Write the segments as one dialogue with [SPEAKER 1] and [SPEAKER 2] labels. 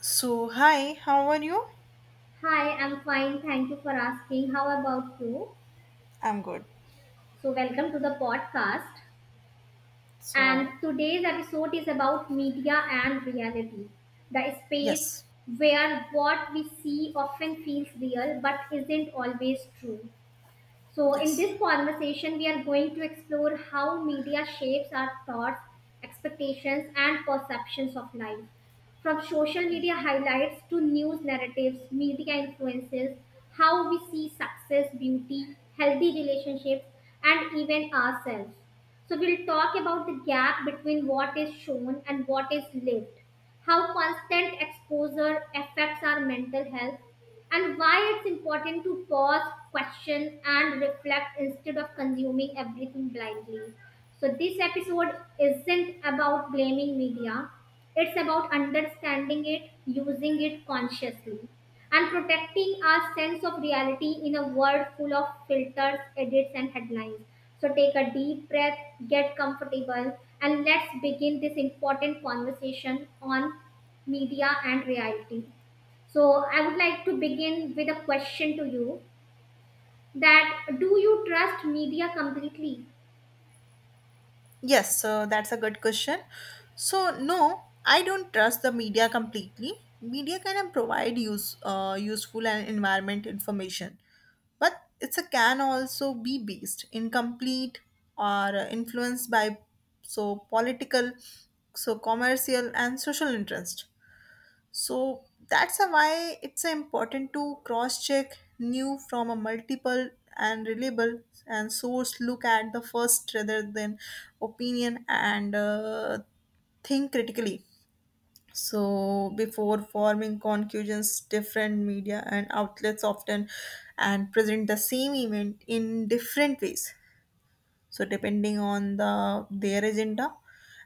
[SPEAKER 1] So, hi, how are you?
[SPEAKER 2] Hi, I'm fine. Thank you for asking. How about you?
[SPEAKER 1] I'm good.
[SPEAKER 2] So, welcome to the podcast. And
[SPEAKER 1] So,
[SPEAKER 2] today's episode is about media and reality, the space
[SPEAKER 1] yes,
[SPEAKER 2] where what we see often feels real but isn't always true. So, in
[SPEAKER 1] yes,
[SPEAKER 2] this conversation, we are going to explore how media shapes our thoughts, expectations, and perceptions of life. From social media highlights to news narratives, media influences how we see success, beauty, healthy relationships, and even ourselves. So, we'll talk about the gap between what is shown and what is lived, how constant exposure affects our mental health, and why it's important to pause, question, and reflect instead of consuming everything blindly. So, this episode isn't about blaming media, it's about understanding it, using it consciously, and protecting our sense of reality in a world full of filters, edits, and headlines. So take a deep breath, get comfortable, and let's begin this important conversation on media and reality. So I would like to begin with a question to you, that do you trust media completely?
[SPEAKER 1] yes, so that's a good question. So, no, I don't trust the media completely. Media can provide useful and environment information, but it's a can also be based incomplete or influenced by so political, so commercial and social interest. So that's a why it's a important to cross check new from a multiple and reliable and source, look at the first rather than opinion, and think critically so before forming conclusions. Different media and outlets often and present the same event in different ways, so depending on the their agenda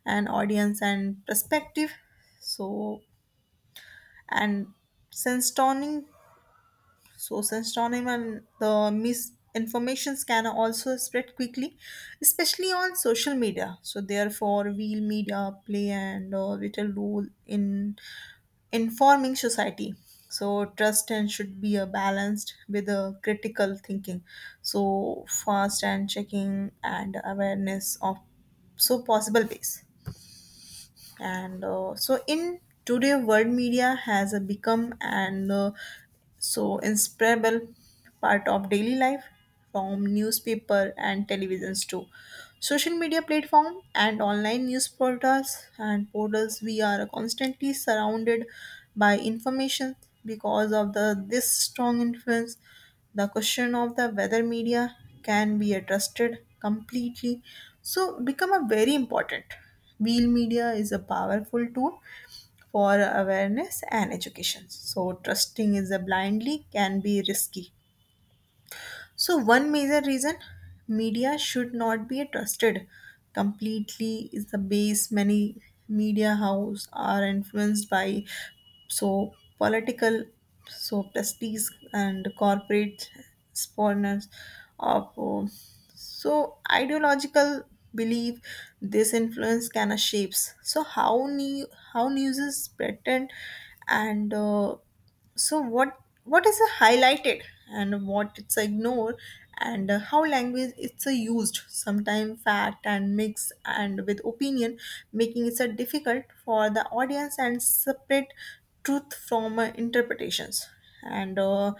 [SPEAKER 1] and audience and perspective, so and censoring so censoring and the misinformation can also spread quickly, especially on social media. So therefore real media play and a vital role in informing society, so trust and should be a balanced with a critical thinking, so fast and checking and awareness of so possible ways. And so in today world, media has become and. So inseparable part of daily life, from newspaper and televisions to social media platform and online news portals. We are constantly surrounded by information. Because of the this strong influence, the question of the whether media can be trusted completely so become a very important wheel. Media is a powerful tool for awareness and education. So, trusting is a blindly can be risky. So, one major reason media should not be trusted completely is the base many media house are influenced by so political, so prestige and corporate spawners of so ideological belief. This influence kind of shapes so how news is threatened, and so what is a highlighted and what it's a ignore, and how language it's a used. Sometimes fact and mix and with opinion, making it so difficult for the audience and separate truth from interpretations. And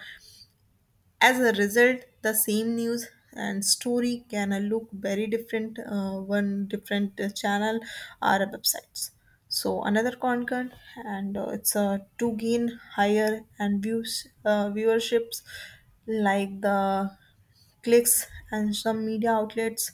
[SPEAKER 1] as a result, the same news and story can look very different one different channel or websites. So another concern, and it's to gain higher and views viewerships like the clicks, and some media outlets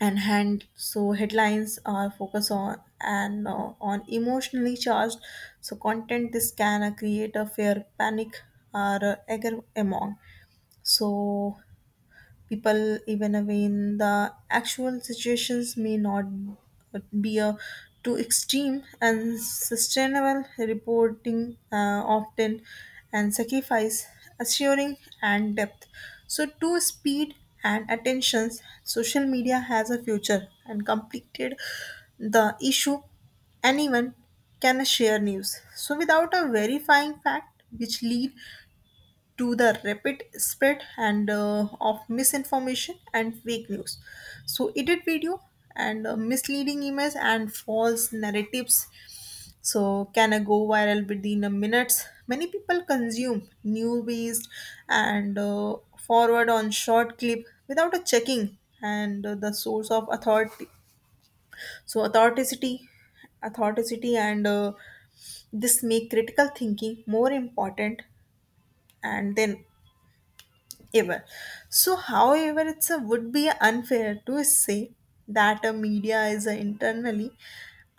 [SPEAKER 1] and hand so headlines are focused on and on emotionally charged so content. This can create a fair panic or anger among so people, even when the actual situations may not be a too extreme. And sustainable reporting often and sacrifice assuring and depth so to speed and attentions. Social media has a future and completed the issue. Anyone can share news so without a verifying fact, which lead to the rapid spread and of misinformation and fake news. So edit video and misleading images and false narratives so can I go viral within a minutes. Many people consume new based and forward on short clip without a checking and the source of authority so authenticity and this make critical thinking more important and then ever. So, however, it's a, would be unfair to say that a media is a internally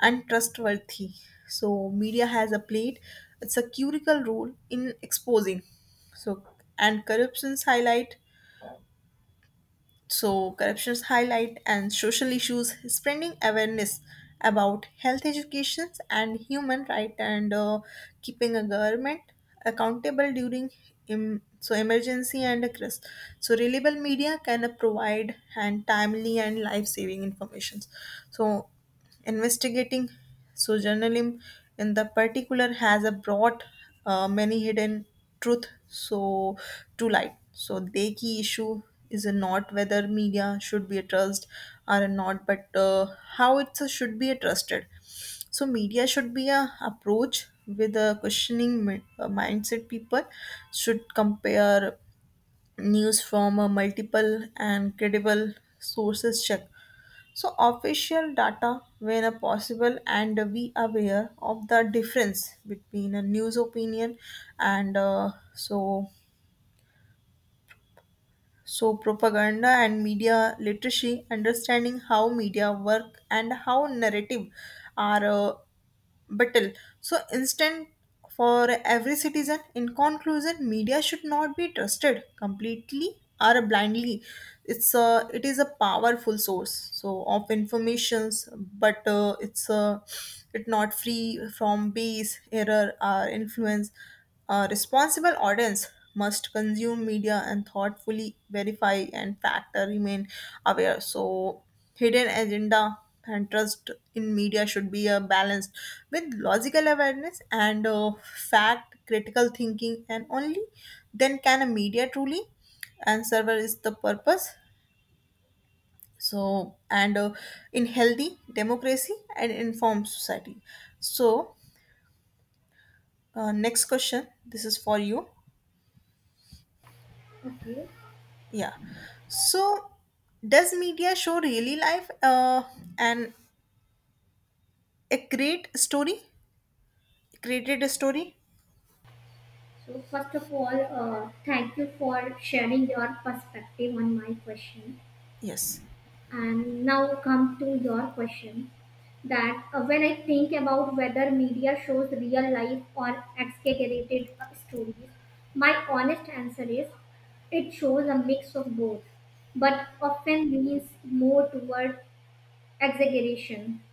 [SPEAKER 1] untrustworthy. So, media has a played it's a critical role in exposing. So, and corruptions highlight and social issues, spreading awareness about health education and human rights, and keeping a government accountable during so emergency and a crisis. So, reliable media can provide and timely and life-saving information. So, investigating Sojournalim in the particular has a brought many hidden truth so to light. So the key issue is not whether media should be a trust or not, but how it should be a trusted. So media should be a approach with a questioning mindset. People should compare news from a multiple and credible sources, check so official data whenever possible, and be aware of the difference between a news opinion and so so propaganda and media literacy, understanding how media work and how narrative are battle. So instant for every citizen. In conclusion, media should not be trusted completely or blindly. It's a it is a powerful source so of informations, but it's a it not free from bias, error or influence. A responsible audience must consume media and thoughtfully verify and factor remain aware. So hidden agenda and trust in media should be balanced with logical awareness and fact critical thinking, and only then can a media truly and server is the purpose so and in healthy democracy and informed society. So next question, this is for you.
[SPEAKER 2] Okay.
[SPEAKER 1] Yeah, so does media show really life and a great story, created a story?
[SPEAKER 2] So first of all, thank you for sharing your perspective on my question.
[SPEAKER 1] Yes.
[SPEAKER 2] And now come to your question, that when I think about whether media shows real life or exaggerated stories, my honest answer is it shows a mix of both, but often leans more toward exaggeration.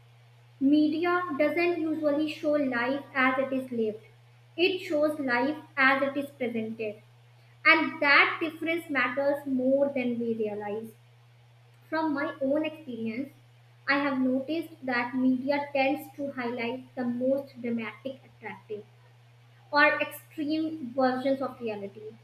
[SPEAKER 2] Media doesn't usually show life as it is lived, it shows life as it is presented, and that difference matters more than we realize. From my own experience, I have noticed that media tends to highlight the most dramatic, attractive, or extreme versions of reality.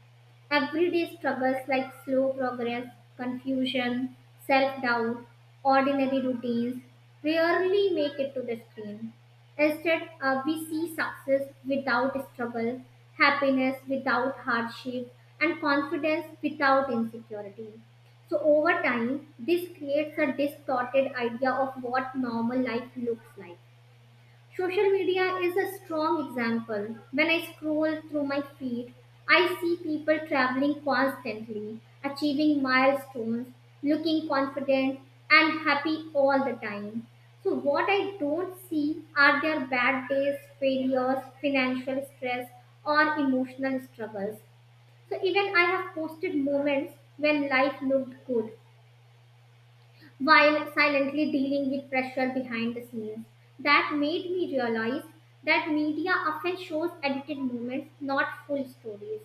[SPEAKER 2] Everyday struggles like slow progress, confusion, self doubt, ordinary routines rarely make it to the screen. Instead, we see success without struggle, happiness without hardship, and confidence without insecurity. So, over time, this creates a distorted idea of what normal life looks like. Social media is a strong example. When I scroll through my feed, I see people traveling constantly, achieving milestones, looking confident and happy all the time. So, what I don't see are their bad days, failures, financial stress, or emotional struggles. So, even I have posted moments when life looked good while silently dealing with pressure behind the scenes. That made me realize that media often shows edited moments, not full stories.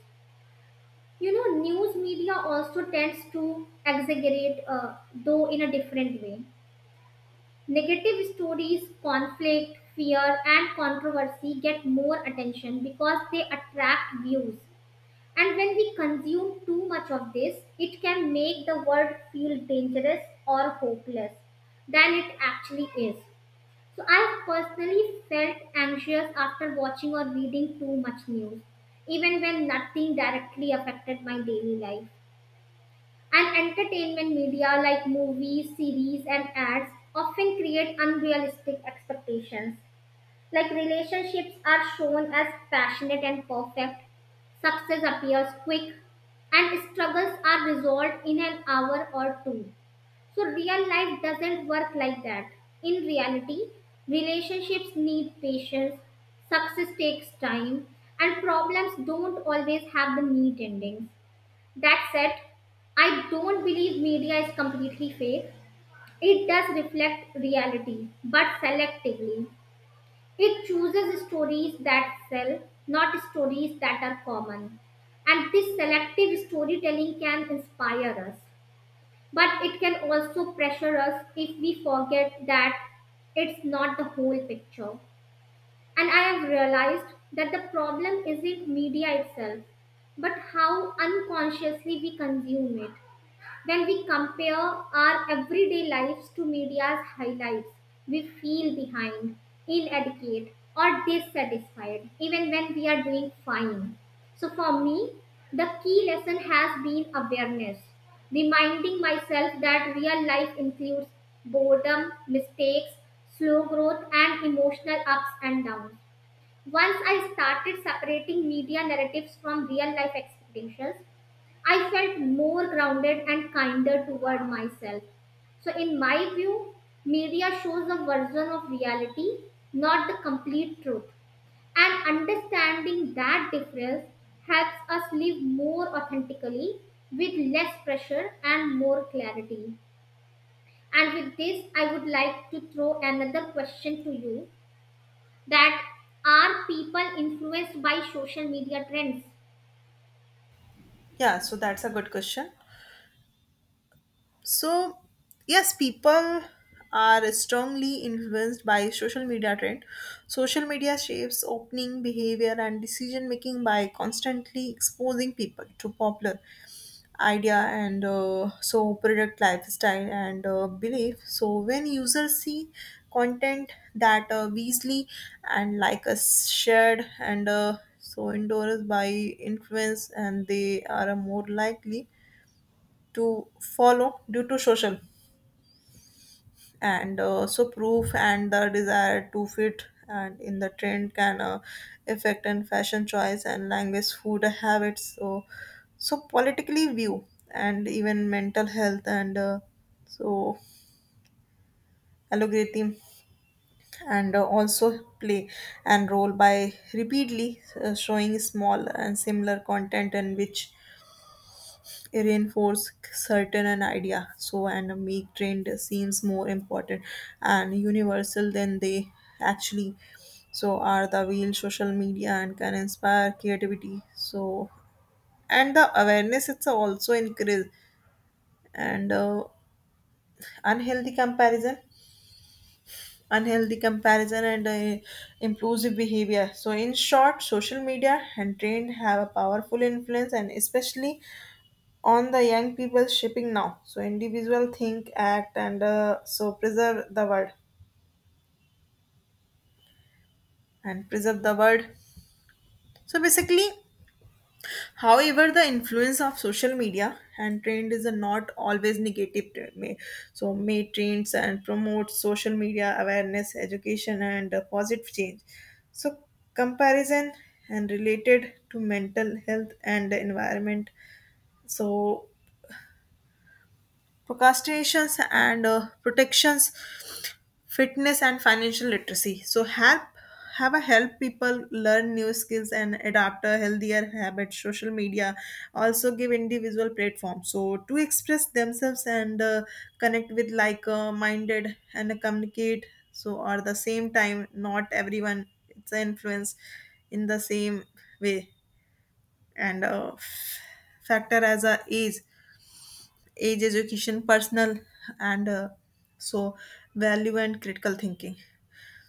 [SPEAKER 2] You know, news media also tends to exaggerate, though in a different way. Negative stories, conflict, fear, and controversy get more attention because they attract views. And when we consume too much of this, it can make the world feel dangerous or hopeless than it actually is. So I have personally felt anxious after watching or reading too much news, even when nothing directly affected my daily life. And entertainment media like movies, series, and ads often create unrealistic expectations, like relationships are shown as passionate and perfect, success appears quick, and struggles are resolved in an hour or two. So, real life doesn't work like that. In reality, relationships need patience, success takes time, and problems don't always have the neat endings. That said, I don't believe media is completely fake. It does reflect reality, but selectively. It chooses stories that sell, not stories that are common. And this selective storytelling can inspire us, but it can also pressure us if we forget that it's not the whole picture. And I have realized that the problem isn't media itself, but how unconsciously we consume it. When we compare our everyday lives to media's highlights, we feel behind, inadequate, or dissatisfied, even when we are doing fine. So, for me, the key lesson has been awareness, reminding myself that real life includes boredom, mistakes, slow growth, and emotional ups and downs. Once I started separating media narratives from real life expectations, I felt more grounded and kinder toward myself. So, in my view, media shows a version of reality, not the complete truth. And understanding that difference helps us live more authentically, with less pressure and more clarity. And with this, I would like to throw another question to you, that are people influenced by social media trends?
[SPEAKER 1] Yeah, so that's a good question. So, yes, people are strongly influenced by social media trend. Social media shapes opening behavior and decision making by constantly exposing people to popular idea and so product lifestyle and belief. So when users see content that easily and like us shared and so endorsed by influence, and they are more likely to follow due to social and so proof. And the desire to fit and in the trend can affect and fashion choice and language food habits, so so politically view and even mental health and so algorithm and also play and role by repeatedly showing small and similar content, and which reinforce certain an idea so and make trend seems more important and universal than they actually so are the wheel. Social media and can inspire creativity so and the awareness, it's also increase and unhealthy comparison unhealthy comparison and impulsive behavior. So in short, social media and trend have a powerful influence, and especially on the young people shipping now. So individual think, act, and so preserve the world. So basically, however, the influence of social media and trend is a not always negative. So may trends and promote social media awareness, education, and positive change. So comparison and related to mental health and environment, so procrastinations and protections, fitness and financial literacy so help, have a help people learn new skills and adapt a healthier habits. Social media also give individual platform so to express themselves, and connect with like minded and communicate. So at the same time, not everyone it's influenced in the same way, and factor as a age education personal and so value and critical thinking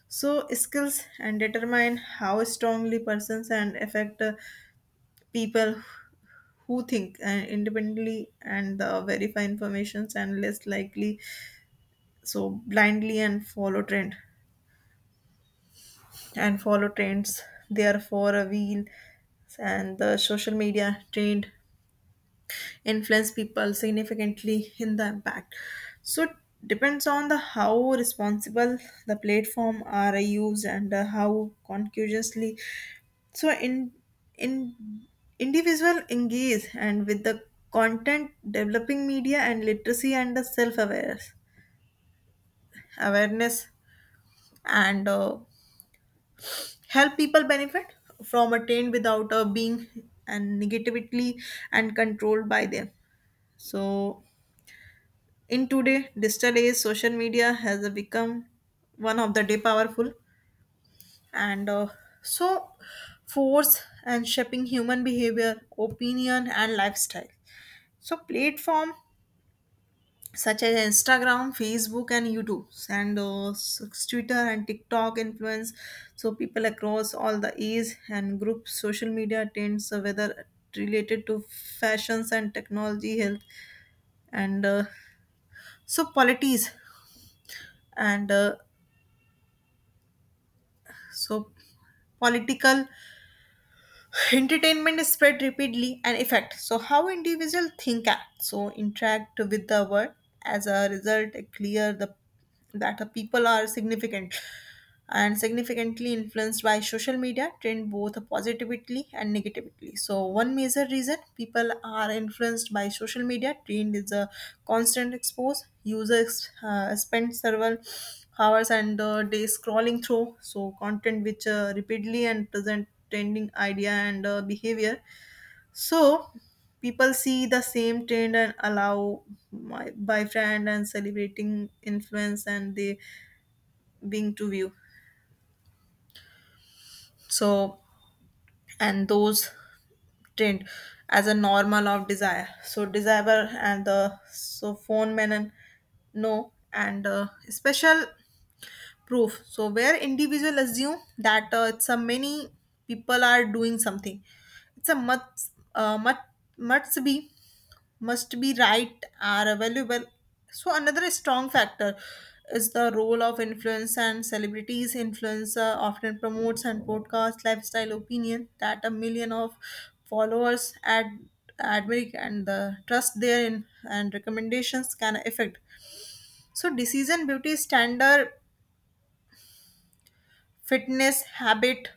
[SPEAKER 1] so skills and determine how strongly persons and affect people who think independently, and verify informations and less likely so blindly and follow trends. Therefore, a wheel and the social media trend influence people significantly in the impact so depends on the how responsible the platform are used, and how conscientiously so in individual engage and with the content, developing media and literacy and the self awareness and help people benefit from attained without being and negatively and controlled by them. So in today digital age, social media has become one of the day powerful and so force and shaping human behavior opinion and lifestyle. So platform such as Instagram, Facebook, and YouTube, and Twitter and TikTok influence. So people across all the age and group social media trends, whether related to fashions and technology, health, and so polities and so political entertainment is spread rapidly and effect so how individual think act so interact with the world. As a result, a clear the that the people are significantly influenced by social media trend, both positively and negatively. So one major reason people are influenced by social media trend is a constant expose. Users spend several hours and days scrolling through so content which repeatedly and present trending idea and behavior. So people see the same trend and allow my by friend and celebrating influence, and they being to view so and those trend as a normal of desire so desire and the so phone men and no and special proof so where individual assume that it's a many people are doing something, it's a must be must be right are available. So another strong factor is the role of influence and celebrities. Influencer often promotes and broadcasts lifestyle opinion that a million of followers ad admire and the trust therein and recommendations can affect. So decision beauty standard fitness habit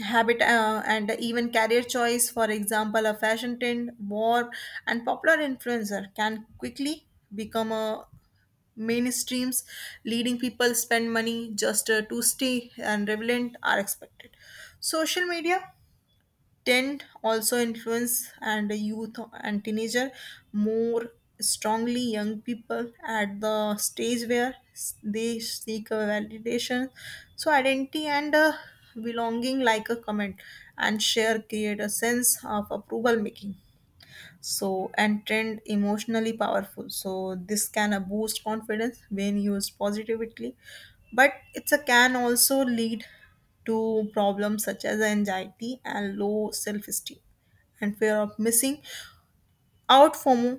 [SPEAKER 1] habit and even career choice, for example a fashion trend war and popular influencer can quickly become a mainstreams leading people spend money just to stay and relevant are expected. Social media tend also influence and youth and teenager more strongly young people at the stage where they seek a validation so identity and belonging like a comment and share create a sense of approval making so and trend emotionally powerful so this can boost confidence when used positively, but it's a can also lead to problems such as anxiety and low self-esteem and fear of missing out fomo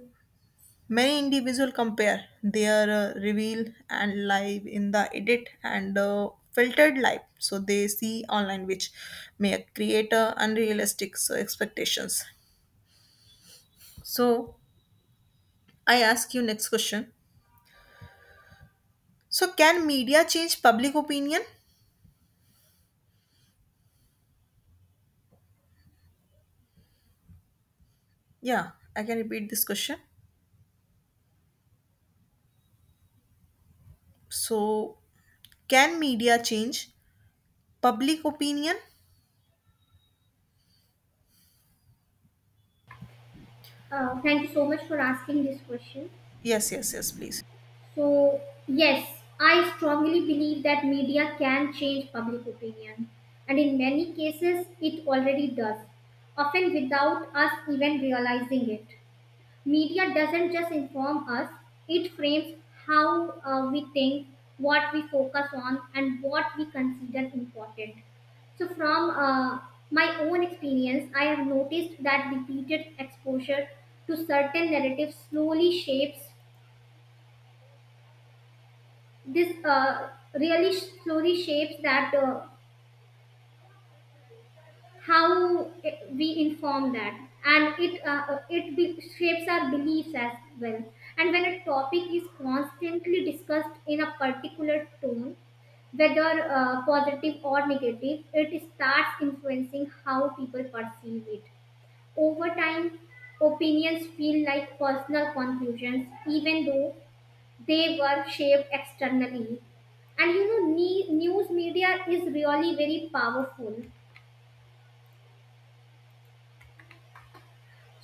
[SPEAKER 1] many individuals compare their reveal and live in the edit and filtered life so they see online which may create unrealistic so expectations so I ask you next question. So, can media change public opinion? Yeah, I can repeat this question. So, can media change public opinion?
[SPEAKER 2] Thank you so much for asking this question.
[SPEAKER 1] Yes, yes, yes, please.
[SPEAKER 2] So, yes, I strongly believe that media can change public opinion, and in many cases, it already does, often without us even realizing it. Media doesn't just inform us, it frames how we think, what we focus on, and what we consider important. So, from my own experience, I have noticed that repeated exposure to certain narratives slowly shapes this really slowly shapes that how it- we inform that, and it shapes our beliefs as well. And when a topic is constantly discussed in a particular tone, whether positive or negative, it starts influencing how people perceive it. Over time, opinions feel like personal conclusions even though they were shaped externally. And you know, news media is really very powerful.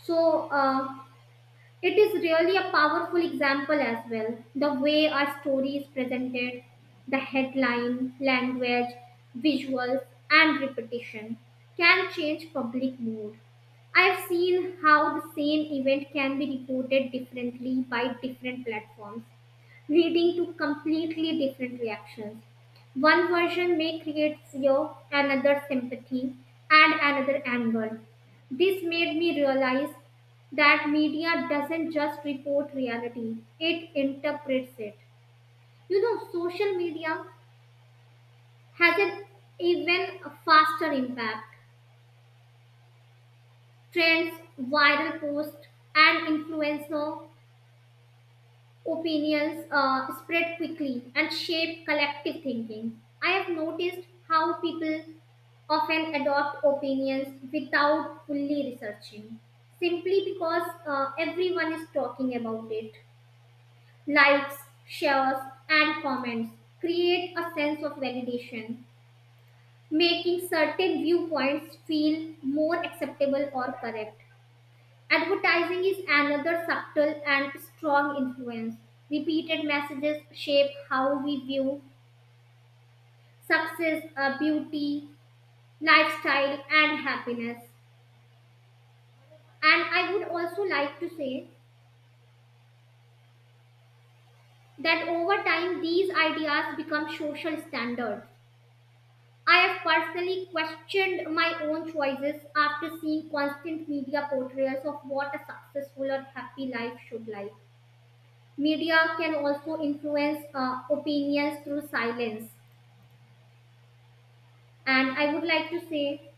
[SPEAKER 2] So it is really a powerful example as well. The way our story is presented, the headline language, visuals, and repetition can change public mood. I've seen how the same event can be reported differently by different platforms, leading to completely different reactions. One version may create fear, another sympathy, and another anger. This made me realize that media doesn't just report reality, it interprets it. You know, social media has an even faster impact. Trends, viral posts, and influencer opinions spread quickly and shape collective thinking. I have noticed how people often adopt opinions without fully researching, simply because everyone is talking about it. Likes, shares, and comments create a sense of validation, making certain viewpoints feel more acceptable or correct. Advertising is another subtle and strong influence. Repeated messages shape how we view success, beauty, lifestyle, and happiness. And I would also like to say that over time, these ideas become social standards. I have personally questioned my own choices after seeing constant media portrayals of what a successful or happy life should like. Media can also influence opinions through silence. And I would like to say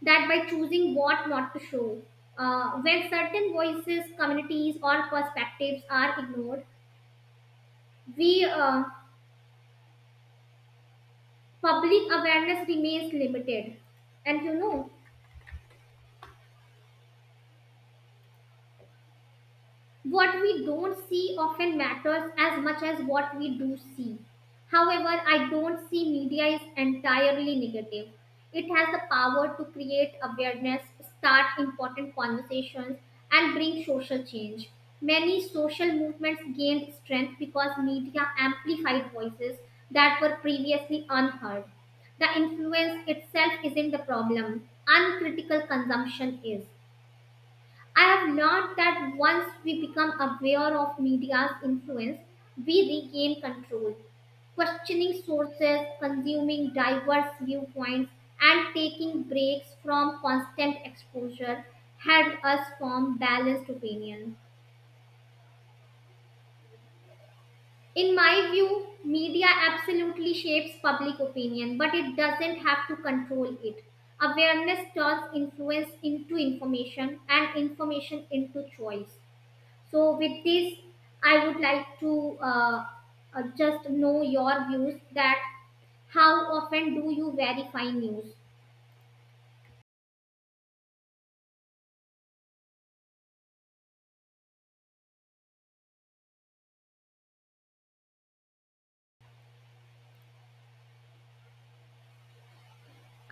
[SPEAKER 2] that by choosing what not to show, when certain voices, communities, or perspectives are ignored, we public awareness remains limited. And you know, what we don't see often matters as much as what we do see. However, I don't see media is entirely negative. It has the power to create awareness, start important conversations, and bring social change. Many social movements gained strength because media amplified voices that were previously unheard. The influence itself isn't the problem, uncritical consumption is. I have learned that once we become aware of media's influence, we regain control. Questioning sources, consuming diverse viewpoints, and taking breaks from constant exposure help us form balanced opinions. In my view, media absolutely shapes public opinion, but it doesn't have to control it. Awareness turns influence into information, and information into choice. So, with this, I would like to just know your views, that how often do you verify news?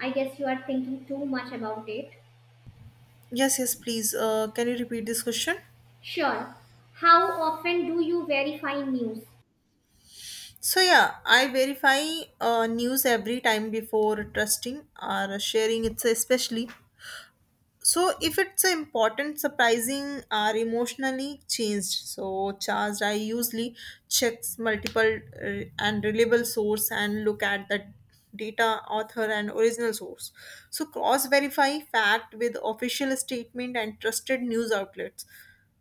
[SPEAKER 2] I guess you are thinking too much about it.
[SPEAKER 1] Yes, yes, please. Can you repeat this question?
[SPEAKER 2] Sure. How often do you verify news?
[SPEAKER 1] So, yeah, I verify news every time before trusting or sharing it, especially so if it's a important surprising or emotionally changed so charged I usually checks multiple and reliable source and look at the data author and original source so cross verify fact with official statement and trusted news outlets.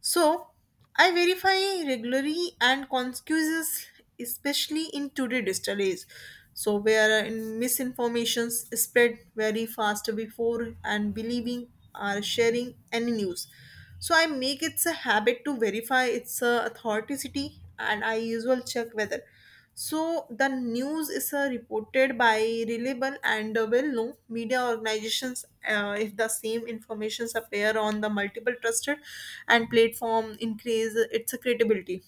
[SPEAKER 1] So I verify regularly and conscious, especially in today's digital age. So where in misinformations spread very fast before and believing or sharing any news. So I make it a habit to verify its authenticity and I usually check whether so the news is reported by reliable and well-known media organizations. If the same informations appear on the multiple trusted and platform, increase its credibility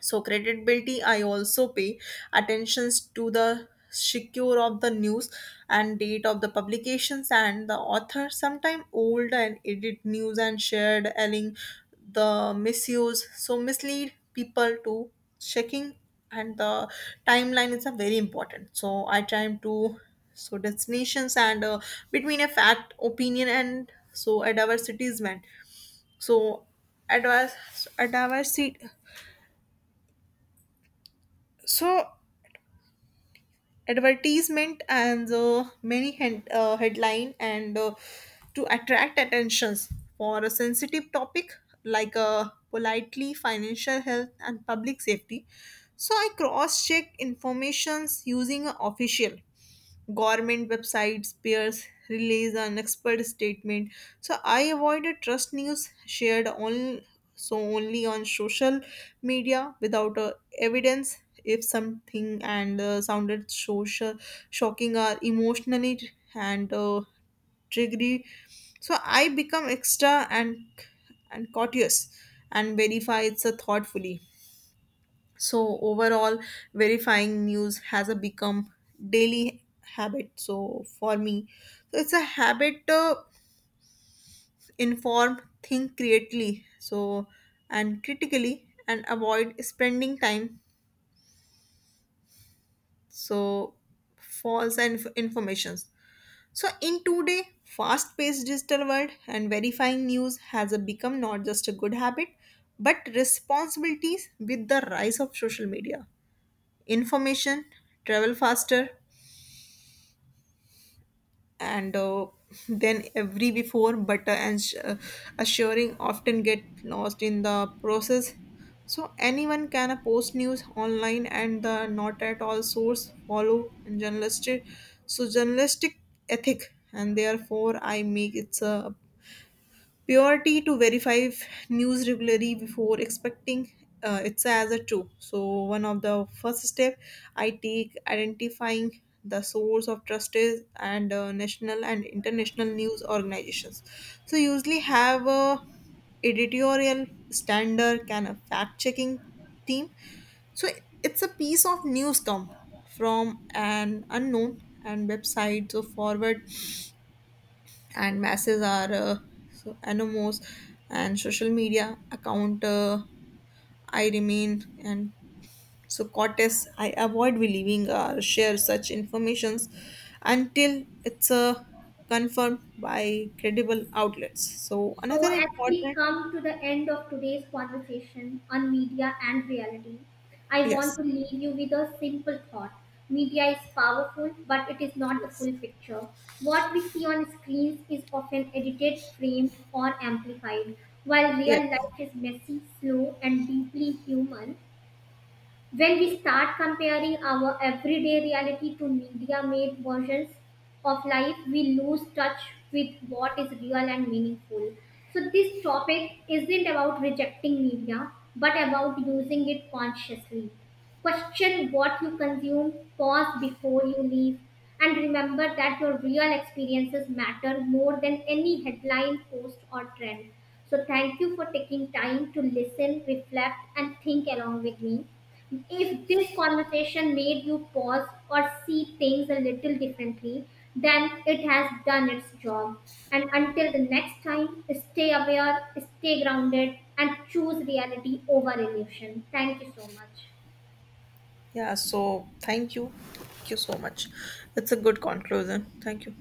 [SPEAKER 1] so credibility, I also pay attentions to the secure of the news and date of the publications and the author. Sometimes old and edit news and shared, allowing the misuse, so mislead people to checking and the timeline is a very important. So I try to so destinations and between a fact, opinion and so a diversity is meant. So advice, a diversity. So advertisement and headline and to attract attentions for a sensitive topic like politely financial health and public safety so I cross check informations using a official government websites, peers, release an expert statement. So I avoided trust news shared on so only on social media without evidence. If something and sounded social, shocking or emotionally and triggery, so I become extra and courteous and verify it so thoughtfully so overall verifying news has a become daily habit so for me so it's a habit to inform think creatively so and critically and avoid spending time so false and informations so in today fast paced digital world and verifying news has a become not just a good habit but responsibilities with the rise of social media information travel faster and then every before butter and assuring often get lost in the process so anyone can post news online and the not at all source follow and journalistic so journalistic ethic and therefore I make it's a purity to verify news regularly before expecting it's as a true so one of the first step I take identifying the source of trust is and national and international news organizations so usually have a editorial standard can a fact checking team so it's a piece of news come from an unknown and website so forward and masses are so anonymous and social media account I remain and so cortes I avoid believing or share such informations until it's confirmed by credible outlets so
[SPEAKER 2] So,
[SPEAKER 1] another
[SPEAKER 2] as we
[SPEAKER 1] important.
[SPEAKER 2] come to the end of today's conversation on media and reality, I
[SPEAKER 1] Yes,
[SPEAKER 2] want to leave you with a simple thought. Media is powerful, but it is not the
[SPEAKER 1] yes,
[SPEAKER 2] full picture. What we see on screens is often edited, framed, or amplified. While
[SPEAKER 1] yes.
[SPEAKER 2] real life is messy, slow, and deeply human, when we start comparing our everyday reality to media made versions of life, we lose touch with what is real and meaningful. So, this topic isn't about rejecting media, but about using it consciously. Question what you consume, pause before you leave, and remember that your real experiences matter more than any headline, post, or trend. So, thank you for taking time to listen, reflect, and think along with me. If this conversation made you pause or see things a little differently, then it has done its job. And until the next time, stay aware, stay grounded, and choose reality over illusion. Thank you so much.
[SPEAKER 1] Yeah, so thank you, thank you so much. It's a good conclusion, thank you.